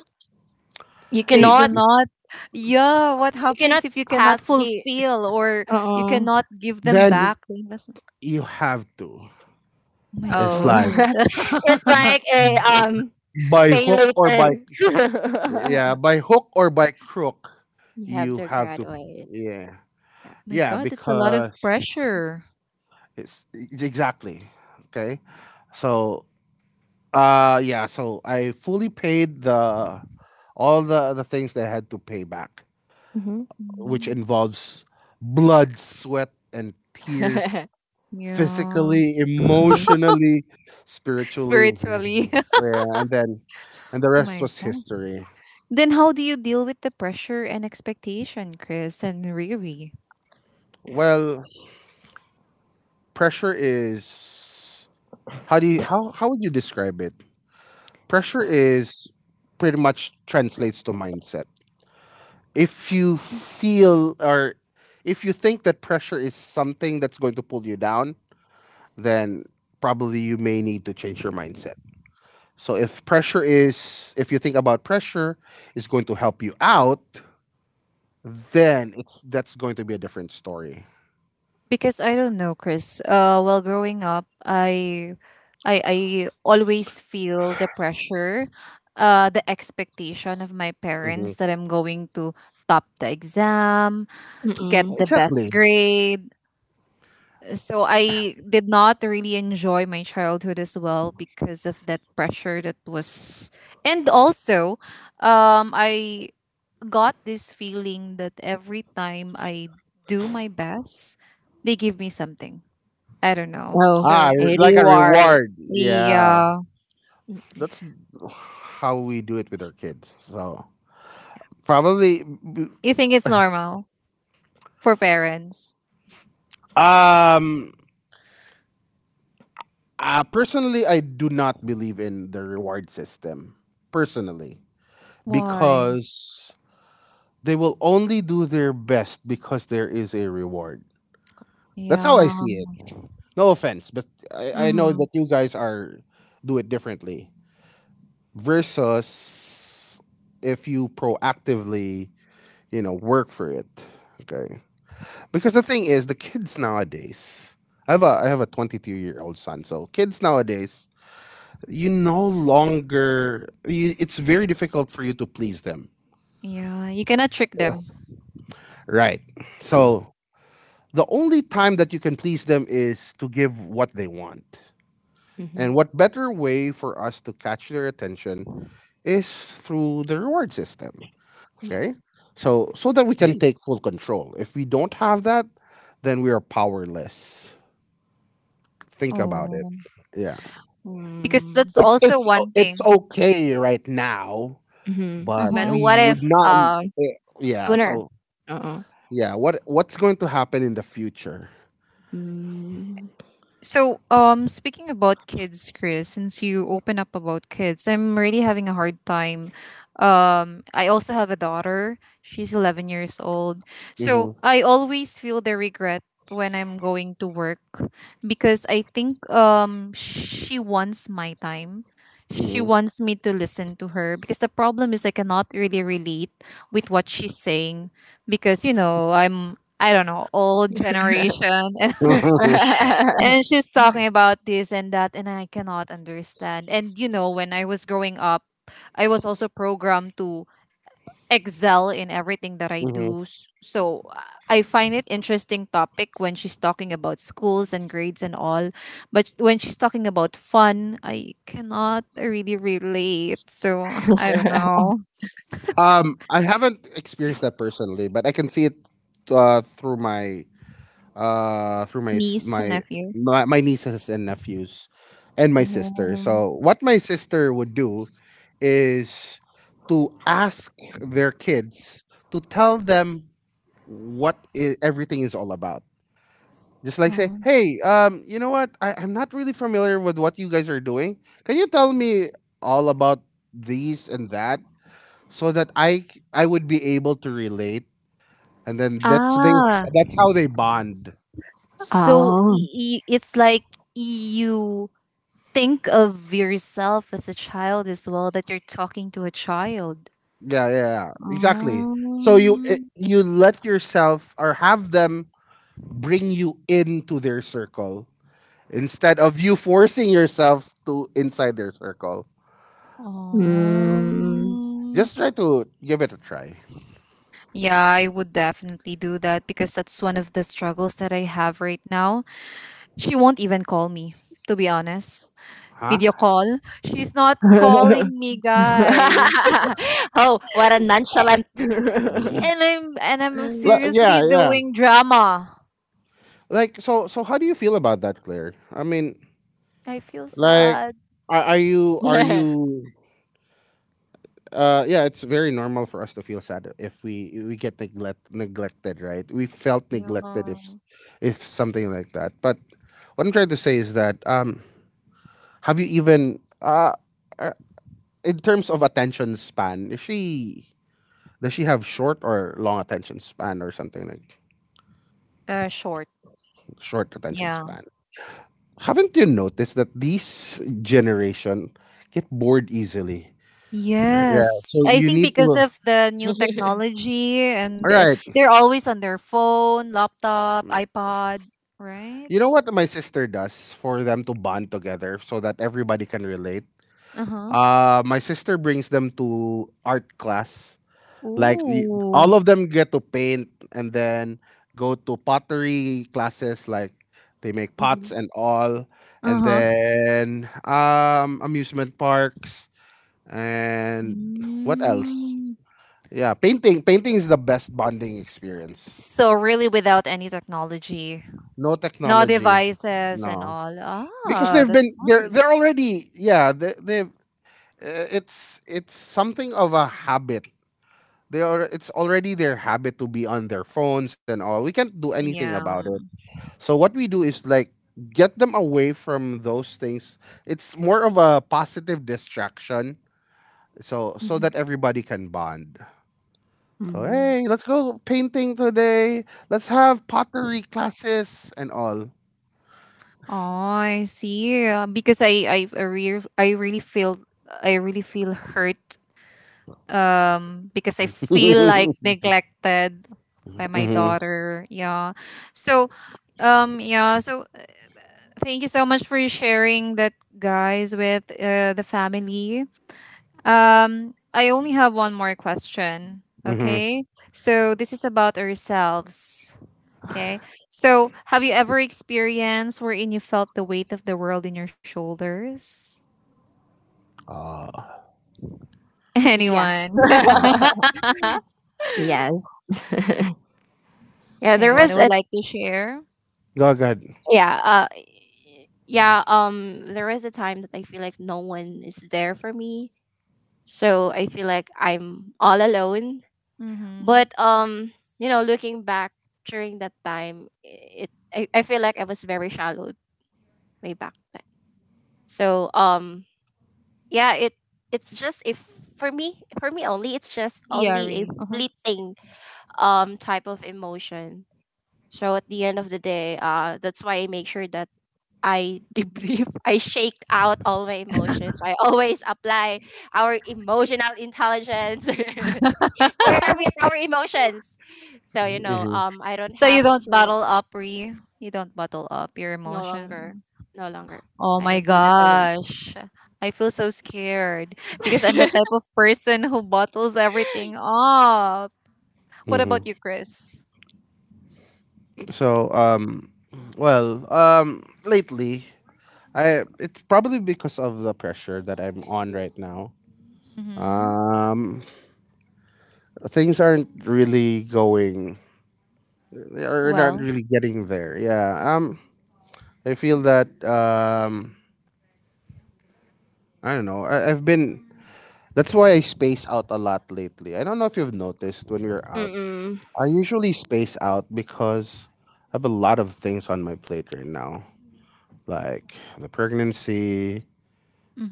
S2: You
S1: they
S3: you,
S1: do
S2: cannot
S1: not? Yeah, what
S2: you
S1: happens
S2: cannot
S1: if you cannot
S2: pass the,
S1: fulfill or you
S2: oo.
S1: cannot give them
S3: then
S1: back the investment?
S3: you have to.
S1: Oh my
S3: It's
S2: Oh.
S3: like
S1: God. Oh
S2: it's like a
S3: by
S2: pay
S3: hook or
S2: later.
S3: by yeah, by hook or by crook,
S2: you have
S3: you
S2: to
S3: have to.
S2: graduate.
S3: Yeah,
S2: Yeah.
S1: my
S3: yeah,
S1: God, that's a lot of
S3: because
S1: pressure.
S3: it's exactly okay. So, yeah, so I fully paid the all the things that I had to pay back,
S2: Mhm.
S3: which
S1: Mhm.
S3: involves blood, sweat, and tears,
S1: Yeah.
S3: physically,
S2: Mhm.
S3: emotionally, spiritually.
S1: Spiritually.
S3: Yeah, and then, and the
S1: Oh
S3: rest
S1: my
S3: was
S1: God.
S3: history.
S1: Then how do you deal with the pressure and expectation, Chris and Riri?
S3: Well, pressure is. How would you describe it? Pressure is pretty much translates to mindset. If you feel or if you think that pressure is something that's going to pull you down, then probably you may need to change your mindset. So if you think about pressure is going to help you out, then it's that's going to be a different story.
S1: Because I don't know, Chris. Well, growing up, I always feel the pressure, the expectation of my
S3: Mhm.
S1: parents that I'm going to top the exam,
S2: Mm.
S1: get
S2: Mm.
S1: the
S3: Exactly.
S1: best grade. So I did not really enjoy my childhood as well because of that pressure that was, and also, I got this feeling that every time I do my best, they give me something. I don't know.
S2: Oh,
S3: Ah,
S1: So
S2: a
S3: like a
S2: reward.
S3: reward. Yeah.
S1: yeah,
S2: Mm,
S3: That's how we do it with our kids. So probably,
S1: you think it's normal for parents?
S3: um, personally, I do not believe in the reward system. Personally,
S1: Why?
S3: because they will only do their best because there is a reward. That's how I
S1: Yeah.
S3: see it. No offense, but I know
S1: Mm-hmm.
S3: that you guys are do it differently. Versus if you proactively, work for it. Okay. Because the thing is, the kids nowadays, I have a 22-year-old son. So kids nowadays, you no longer you, it's very difficult for you to please them.
S1: Yeah, you cannot trick them.
S3: Right. So the only time that you can please them is to give what they want. And
S2: mhm.
S3: what better way for us to catch their attention is through the reward system.
S2: Yeah.
S3: Okay? So that we can take full control. If we don't have that, then we are powerless. Think about it.
S1: Oh,
S3: Yeah.
S1: because
S2: Mm.
S1: that's
S3: It's
S1: also
S3: it's
S1: one thing.
S3: it's okay right now,
S2: Mhm.
S1: Uh
S3: but
S2: But
S1: huh.
S3: we
S2: what if
S3: would not.
S2: um,
S3: Yeah.
S2: sooner.
S3: So
S2: Mm.
S3: yeah, what's going to happen in the future?
S2: Mm.
S1: So, speaking about kids, Chris, since you open up about kids, I'm really having a hard time. I also have a daughter. She's 11 years old. So,
S3: Hmm.
S1: I always feel the regret when I'm going to work because I think she wants my time. She
S3: Hmm.
S1: wants me to listen to her because the problem is I cannot really relate with what she's saying because I don't know, old generation and she's talking about this and that and I cannot understand and when I was growing up I was also programmed to excel in everything that I
S3: Hmm.
S1: do So, I find it interesting topic when she's talking about schools and grades and all but when she's talking about fun I cannot really relate so I don't know
S3: I haven't experienced that personally, but I can see it, uh, through my through my s-
S1: niece and
S3: my
S1: nephew.
S3: my my nieces and nephews, and my sister.
S1: Oh.
S3: So what my sister would do is to ask their kids to tell them what I everything is all about. Just like say,
S1: Oh.
S3: hey, you know what? I'm not really familiar with what you guys are doing. Can you tell me all about these and that so that I would be able to relate? And then
S1: ah
S3: that's how they bond.
S2: Oh.
S1: it's like you think of yourself as a child as well that you're talking to a child.
S3: Yeah, yeah, yeah, exactly. So you eh,
S1: Um,
S3: you let yourself, or have them bring you into their circle, instead of you forcing yourself to inside their circle.
S2: Mm.
S1: um,
S3: Just try to give it a try.
S1: yeah, I would definitely do that because that's one of the struggles that I have right now. She won't even call me, to be honest.
S3: Huh?
S1: Video call. She's not calling me, guys.
S2: Oh, what a nonchalant.
S1: And I'm
S3: Yeah,
S1: seriously
S3: yeah.
S1: doing drama.
S3: Like, so how do you feel about that, Claire? I mean,
S1: I feel
S3: like
S1: sad.
S3: are you yeah, it's very normal for us to feel sad if we get neglected, right? We felt neglected if
S1: Yeah.
S3: if something like that. But what I'm trying to say is that, have you even, uh, in terms of attention span, is she does she have short or long attention span or something like
S1: Short.
S3: short attention
S1: Yeah.
S3: span? Haven't you noticed that this generation get bored easily? Yeah, so
S1: Yes, I
S3: you
S1: think
S3: need
S1: because
S3: to.
S1: of the new technology and
S3: All right.
S1: they're always on their phone, laptop, iPod, right?
S3: You know what my sister does for them to bond together so that everybody can relate?
S1: Uh-huh.
S3: My sister brings them to art class. Like all
S1: Ooh.
S3: of them get to paint and then go to pottery classes. Like they make pots and all, and
S1: Uh-huh.
S3: then amusement parks. And what else?
S1: Mm.
S3: Yeah, painting. Painting is the best bonding experience.
S1: So really without any technology,
S3: No
S1: no
S3: technology.
S1: devices and
S3: No,
S1: all.
S3: because
S1: Ah,
S3: they've been
S1: that's
S3: they're they're
S1: nice.
S3: already, yeah, they they've it's something of a habit. They are, it's already their habit to be on their phones and all. We can't do anything about
S1: Yeah.
S3: it. So what we do is like get them away from those things. It's more of a positive distraction. So that everybody can bond. So
S2: Mm.
S3: hey, let's go painting today. Let's have pottery classes and all.
S1: Oh, I see. Because I really feel hurt because I feel like
S3: mm-hmm,
S1: neglected by my daughter. Yeah. So yeah, so thank you so much for sharing that, guys, with the family. Um, I only have one more question,
S3: mm-hmm.
S1: okay? So this is about ourselves. Okay. So, have you ever experienced wherein you felt the weight of the world in your shoulders?
S3: Uh,
S2: Yeah.
S1: Anyone?
S2: Yes. Yeah, there
S1: Anyone
S2: was
S1: who would
S2: a,
S1: like to share?
S3: Go go ahead.
S2: yeah, yeah, there was a time that I feel like no one is there for me. So I feel like I'm all alone.
S1: Mm-hmm.
S2: But you know, looking back during that time, it I feel like I was very shallow way back then. So yeah, it's just, if for me only, it's just
S1: Yeah,
S2: only a
S1: Re. Uh-huh.
S2: fleeting type of emotion. So at the end of the day, that's why I make sure that I debrief, I shake out all my emotions. I always apply our emotional intelligence. Where are we with our emotions? So you know,
S3: Mm-hmm,
S2: I don't
S1: So you
S2: have
S1: don't
S2: to,
S1: bottle up, Re. You don't bottle up your
S2: no longer,
S1: emotions.
S2: no longer.
S1: Oh
S2: I
S1: my
S2: don't do that
S1: gosh. I feel so scared because I'm the
S2: anymore.
S1: type of person who bottles everything up. What about
S3: mm-hmm.
S1: you, Chris?
S3: So um, Lately I, it's probably because of the pressure that I'm on right now.
S1: Mm-hmm.
S3: Um, Things aren't really going. They're not
S1: Well,
S3: really getting there. Yeah. I feel that I don't know. I've been, that's why I space out a lot lately. I don't know if you've noticed when we're out.
S2: Mm-mm.
S3: I usually space out because I have a lot of things on my plate right now, like the pregnancy,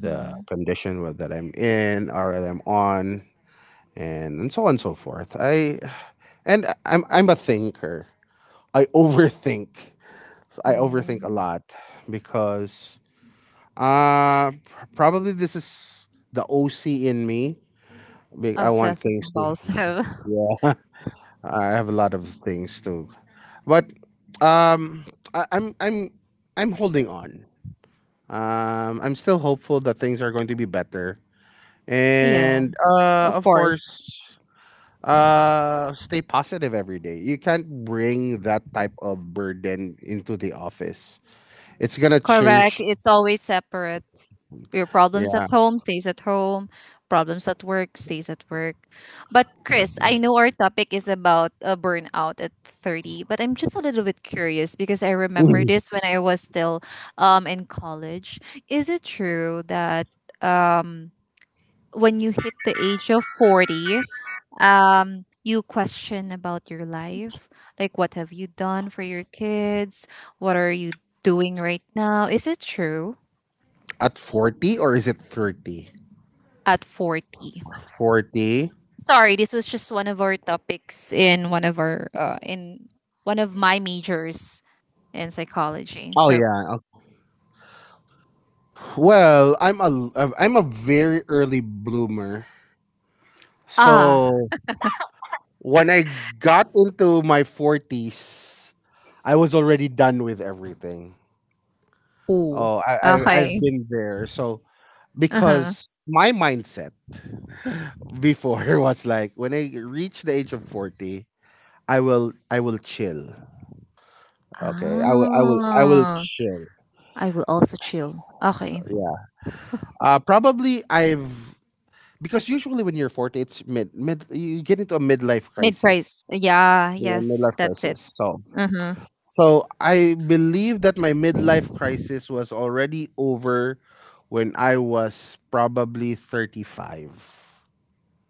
S3: the that I'm in or that I'm on, and so on and so forth. I'm a thinker. I overthink. So I
S1: Oh,
S3: overthink a lot because probably this is the OC in me. I want
S1: obsessive
S3: things to
S1: compulsive.
S3: yeah. I have a lot of things to, but um, I'm I'm holding on. I'm still hopeful that things are going to be better, and
S1: Yes, of
S3: of
S1: course.
S3: course, stay positive every day. You can't bring that type of burden into the office. It's gonna
S1: Correct.
S3: change.
S1: It's always separate. Your problems at
S3: Yeah,
S1: home stays at home, problems at work stays at work. But Chris, I know our topic is about a burnout at 30, but I'm just a little bit curious because I remember this when I was still in college. Is it true that um when you hit the age of 40, you question about your life? Like what have you done for your kids? What are you doing right now? Is it true
S3: at 40 or is it 30?
S1: at 40?
S3: 40.
S1: Sorry, this was just one of our topics in one of our in one of my majors in psychology,
S3: Oh
S1: so
S3: yeah, okay. Well, I'm a very early bloomer.
S1: ah,
S3: So when I got into my forties, I was already done with everything.
S1: ooh,
S3: Oh, I,
S1: okay,
S3: I've been there. So
S1: uh-huh,
S3: because my mindset before was like when I reach the age of 40, I will chill. Okay, I will
S1: ah,
S3: chill.
S1: I will also chill, okay.
S3: Yeah. Probably I've, because usually when you're 40, it's mid mid you get into a midlife
S1: Mid price,
S3: crisis.
S1: yeah,
S3: Yeah,
S1: yes,
S3: midlife
S1: that's it.
S3: crisis. So
S1: Uh-huh.
S3: so I believe that my midlife crisis was already over when I was probably 35.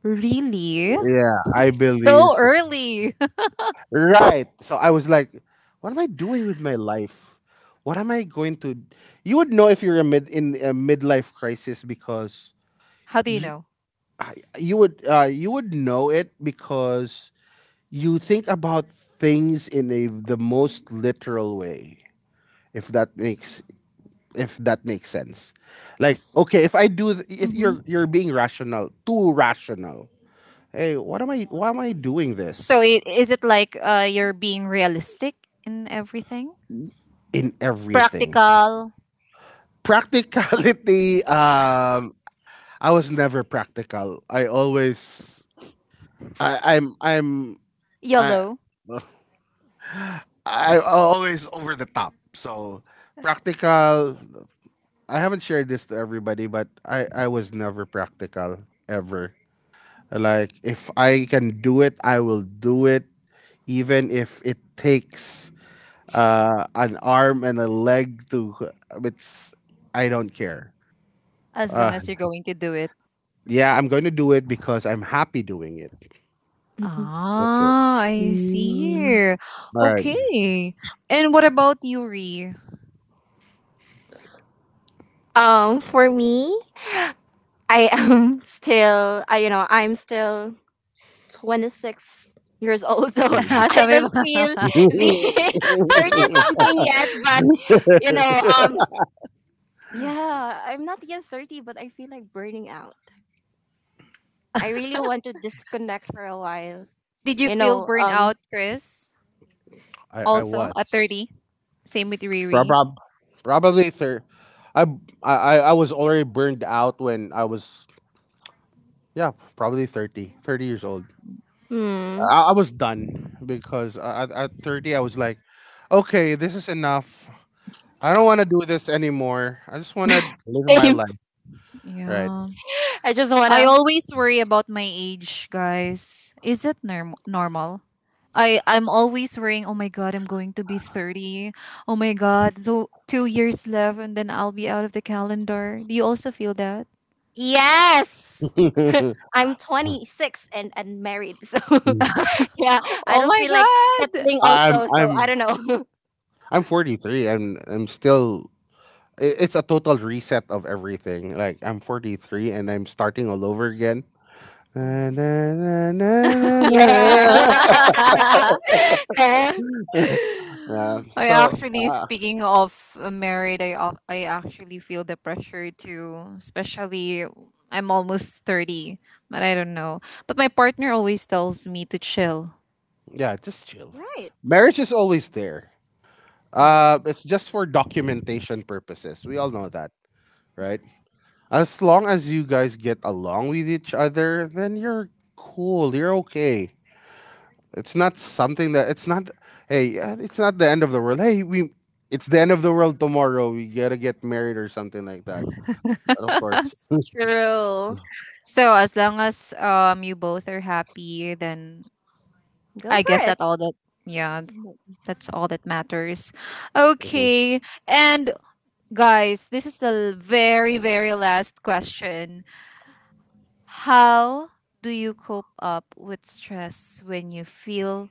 S1: Really?
S3: Yeah, I believe
S1: So
S3: so.
S1: early.
S3: Right. So I was like, what am I doing with my life? What am I going to, you would know if you're a mid in a midlife crisis because
S1: How do you
S3: you
S1: know?
S3: you would know it because you think about things in a the most literal way, if that makes, if that makes sense. Like,
S1: S-
S3: okay, if I do, if
S1: mhm.
S3: you're, you're being rational, too rational. Hey, what am I? Why am I doing this?
S1: So is it like you're being realistic in everything,
S3: In everything,
S1: practical,
S3: practicality. I was never practical. I, I'm, I'm, I,
S1: yolo?
S3: I always over the top. So practical. I haven't shared this to everybody, but I was never practical ever. Like if I can do it, I will do it, even if it takes an arm and a leg to. It's, I don't care.
S1: As
S3: Uh,
S1: long as you're going to do it.
S3: yeah, I'm going to do it because I'm happy doing it.
S2: Mm-hmm.
S3: That's it.
S1: Ah, I
S2: Mm.
S1: see.
S3: All right.
S1: Okay. And what about you, Ree?
S2: For me, I am still, you know, I'm still 26 years old so I
S1: Sabi
S2: don't
S1: mo.
S2: feel the 30 something yet, but you know, yeah, I'm not yet 30 but I feel like burning out. I really want to disconnect for a while,
S1: Did you
S2: you
S1: feel
S2: know.
S1: burnout, Chris?
S3: I
S1: Also, at
S3: was
S1: 30? Same with Riri?
S3: Prob- probably I, I was already burned out when I was, yeah, probably 30 30 years old.
S2: Hmm,
S3: I was done because at 30 I was like, okay, this is enough. I don't want to do this anymore. I just want to live my
S2: same.
S3: life. Right.
S1: Yeah.
S2: I just
S1: I
S2: wanna,
S1: always worry about my age, guys. Is that normal? I'm always worrying, "Oh my god, I'm going to be 30. Oh my god, so 2 years left and then I'll be out of the calendar." Do you also feel that?
S2: yes, I'm 26 and unmarried so yeah, I
S1: Oh
S2: don't
S1: my
S2: feel like
S1: god.
S2: settling
S3: I'm
S2: also, so I
S3: I'm
S2: don't know.
S3: I'm 43 and I'm still, it's a total reset of everything. Like I'm 43 and I'm starting all over again. Na,
S2: Mm.
S3: na, na, na, na, na,
S2: Yeah.
S3: na.
S2: Huh?
S3: Yeah,
S1: I
S3: so
S1: actually,
S3: uh,
S1: speaking of married, I I actually feel the pressure too. Especially, I'm almost 30, but I don't know. But my partner always tells me to chill.
S3: yeah, just chill.
S2: Right.
S3: Marriage is always there.
S2: Hmm.
S3: It's just for documentation purposes. We all know that, right? As long as you guys get along with each other, then you're cool. You're okay. It's not something that it's not. Hey, it's not the end of the world. Hey, we, it's the end of the world tomorrow. We gotta get married or something like that. But of course.
S2: True.
S1: So as long as you both are happy, then
S2: Go
S1: I
S2: for
S1: guess
S2: it.
S1: that all that, yeah th- that's all that matters.
S3: Mhm.
S1: Okay, and guys, this is the very, very last question. How do you cope up with stress when you feel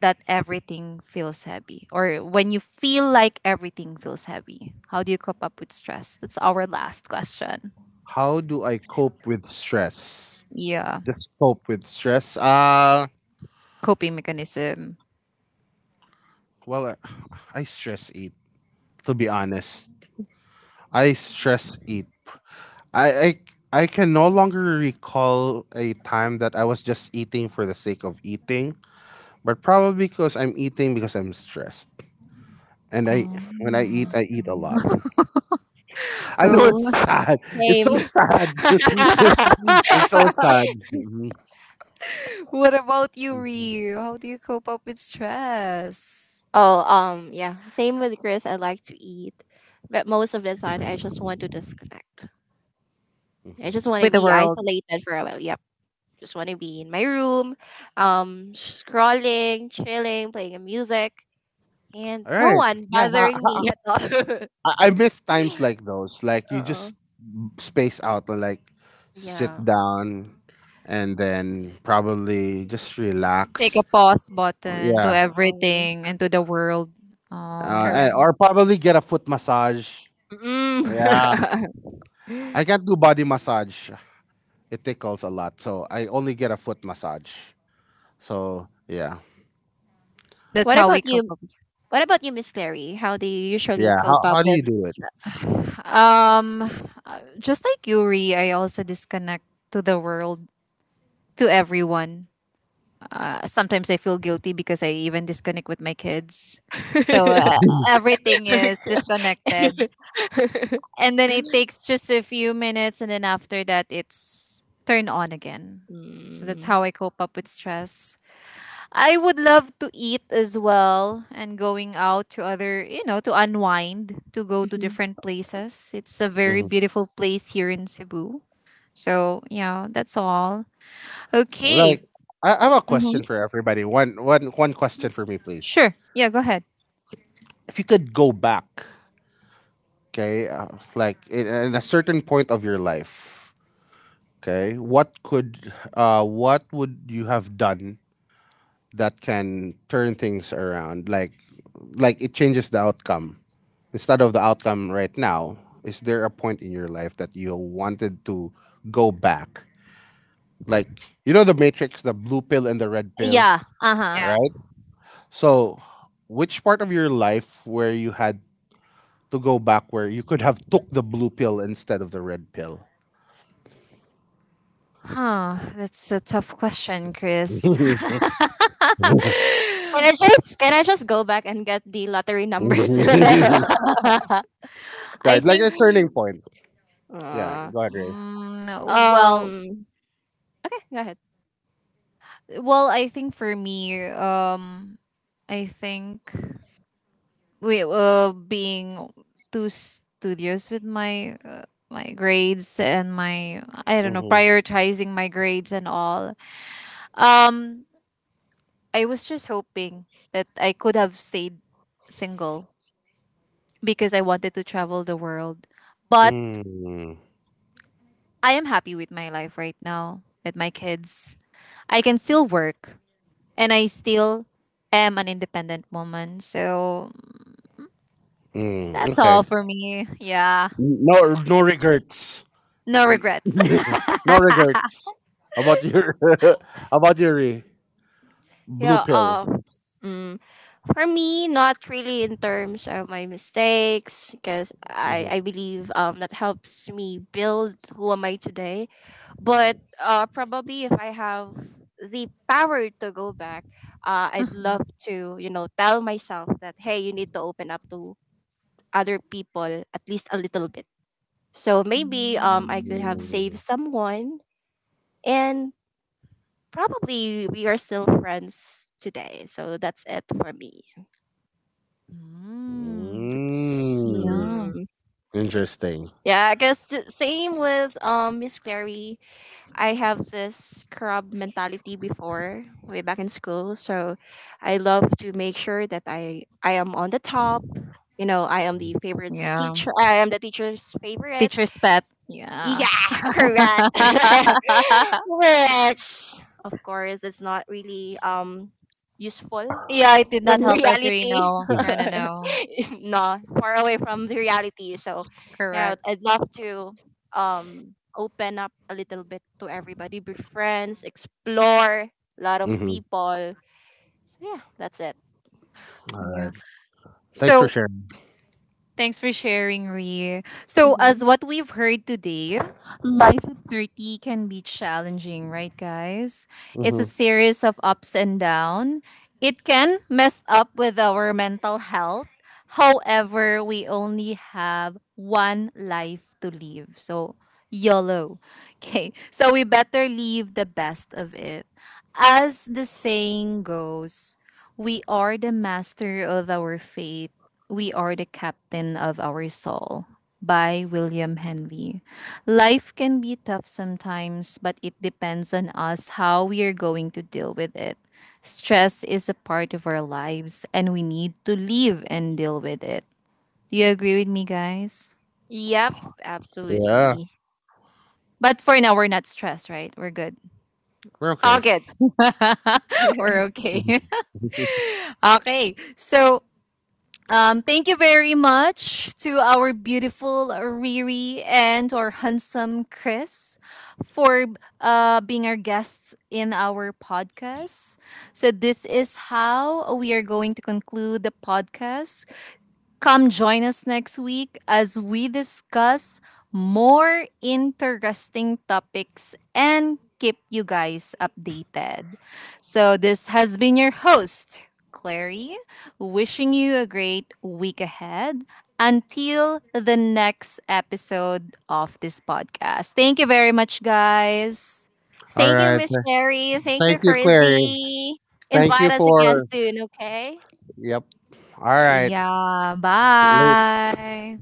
S1: that everything feels heavy or when you feel like everything feels heavy? How do you cope up with stress? That's our last question.
S3: How do I cope with stress?
S1: Yeah,
S3: Just cope with stress.
S1: coping mechanism.
S3: Well, I stress eat. To be honest, I stress eat I, I I can no longer recall a time that I was just eating for the sake of eating, but probably because I'm eating because I'm stressed. And I When
S1: Um,
S3: I eat a lot. I know it's
S1: oh.
S3: sad. It's
S2: Same.
S3: so sad. it's so sad. Mhm,
S1: What about you,
S3: mhm,
S1: Ryu? How do you cope up with stress?
S2: oh, yeah. Same with Chris. I like to eat, but most of the time, I just want to disconnect. I
S3: mhm.
S2: just want to
S1: With the
S2: be
S1: world.
S2: isolated for a while. Yep. Just want to be in my room, scrolling, chilling, playing a music, and
S3: All
S2: no
S3: right.
S2: one
S3: Yeah,
S2: bothering me at all.
S3: I miss times like those. Like you
S2: uh-oh.
S3: just space out and like sit
S2: Yeah.
S3: down and then probably just
S1: Take a
S3: relax.
S1: pause
S3: Well,
S1: button
S3: yeah,
S1: to
S2: Uh-oh.
S1: everything and to the world. Oh,
S2: Correct.
S3: Or probably get a foot massage.
S2: Mm.
S3: Yeah, I can't do body massage. It tickles a lot, so I only get a foot massage. So yeah,
S1: that's
S2: what
S1: how
S2: about
S1: we cope
S2: you,
S1: up.
S2: What about you, Miss Clary? How do you usually
S3: yeah.
S2: cope up
S3: How do
S2: with
S3: you do it?
S2: stress?
S1: Um, uh, just like Yuri, I also disconnect to the world, to everyone. Sometimes I feel guilty because I even disconnect with my kids. So everything is disconnected. And then it takes just a few minutes, and then after that, it's turned on again. So that's
S2: Mm,
S1: how I cope up with stress. I would love to eat as well and going out to other, you know, to unwind, to go to
S2: mhm.
S1: different places. It's a very
S3: Mhm.
S1: beautiful place here in Cebu. So, yeah, that's all. Okay.
S3: Like I have a
S1: Mm-hmm.
S3: question for everybody. One question for me, please.
S1: Sure. Yeah, go ahead.
S3: If you could go back, okay, like in a certain point of your life, okay, what could, what would you have done that can turn things around, like it changes the outcome instead of the outcome right now? Is there a point in your life that you wanted to go back, like, you know, the matrix, the blue pill and the red pill,
S1: Yeah. Uh huh.
S2: Yeah.
S3: right? So which part of your life where you had to go back where you could have took the blue pill instead of the red pill?
S1: Huh. That's a tough question, Chris.
S2: Can I just go back and get the lottery numbers?
S1: I
S3: Right, like
S1: think.
S3: a turning point. Yeah,
S2: Uh,
S3: go ahead, Ray.
S1: Mm,
S2: um. Okay, go ahead.
S1: well, I think for me, I think we being too studious with my my grades and my, I don't know, prioritizing my grades and all. Um, I was just hoping that I could have stayed single because I wanted to travel the world. But
S3: Hmm.
S1: I am happy with my life right now with my kids. I can still work and I still am an independent woman. So
S3: Mm,
S1: that's
S3: okay.
S1: all for me. Yeah.
S3: No, no regrets.
S1: No regrets.
S3: No regrets about your about your blue
S2: Yeah.
S3: pill.
S2: Mm, for me, not really in terms of my mistakes, because
S3: Mhm.
S2: I believe that helps me build who am I today. But probably if I have the power to go back, I'd
S1: Mhm.
S2: love to, you know, tell myself that, hey, you need to open up to other people at least a little bit. So maybe I could have
S1: Mm.
S2: saved someone and probably we are still friends today. So that's it for me.
S1: Mm, that's,
S3: Mm,
S1: yeah,
S2: Mm-mm.
S3: interesting.
S2: Yeah, same with Miss Clary. I have this crab mentality before way back in school. So I love to make sure that I am on the top. You know, I am the favorite's
S1: yeah.
S2: teacher. I am the teacher's favorite.
S1: Teacher's pet. Yeah.
S2: Yeah, correct. Which of course it's not really useful
S1: Yeah, it did
S2: when
S1: not help us,
S2: reality,
S1: Reno. No, no, no.
S2: no, far away from the reality. So, yeah,
S1: Correct.
S2: I'd love to open up a little bit to everybody, be friends, explore a lot of
S3: Mm-hmm.
S2: people. So yeah, that's it.
S3: All
S1: Yeah.
S3: right. Thanks for
S1: So
S3: sharing.
S1: thanks for sharing, Ree. So,
S2: Hmm.
S1: as what we've heard today, life at 30 can be challenging, right, guys? It's a
S3: Hmm.
S1: series of ups and downs. It can mess up with our mental health. However, we only have one life to live. So, YOLO. Okay, so we better leave the best of it. As the saying goes, we are the master of our fate, we are the captain of our soul, by William Henley. Life can be tough sometimes, but it depends on us how we are going to deal with it. Stress is a part of our lives, and we need to live and deal with it. Do you agree with me, guys?
S2: Yep,
S3: Yeah,
S2: absolutely.
S1: But for now, we're not stressed, right? We're good.
S3: we're
S2: All
S3: okay.
S2: good.
S1: We're okay. Okay. So, um, thank you very much to our beautiful Riri and to our handsome Chris for being our guests in our podcast. So, this is how we are going to conclude the podcast. Come join us next week as we discuss more interesting topics and keep you guys updated. So, this has been your host, Clary, wishing you a great week ahead until the next episode of this podcast. Thank you very much, guys.
S3: All
S2: Thank you,
S3: right.
S2: Miss Sherry. Thank you,
S3: Thank you, Clary.
S2: Carizzi.
S3: Thank you
S2: Invite us again
S3: for.
S2: soon, okay?
S3: Yep. All right.
S1: Yeah, bye.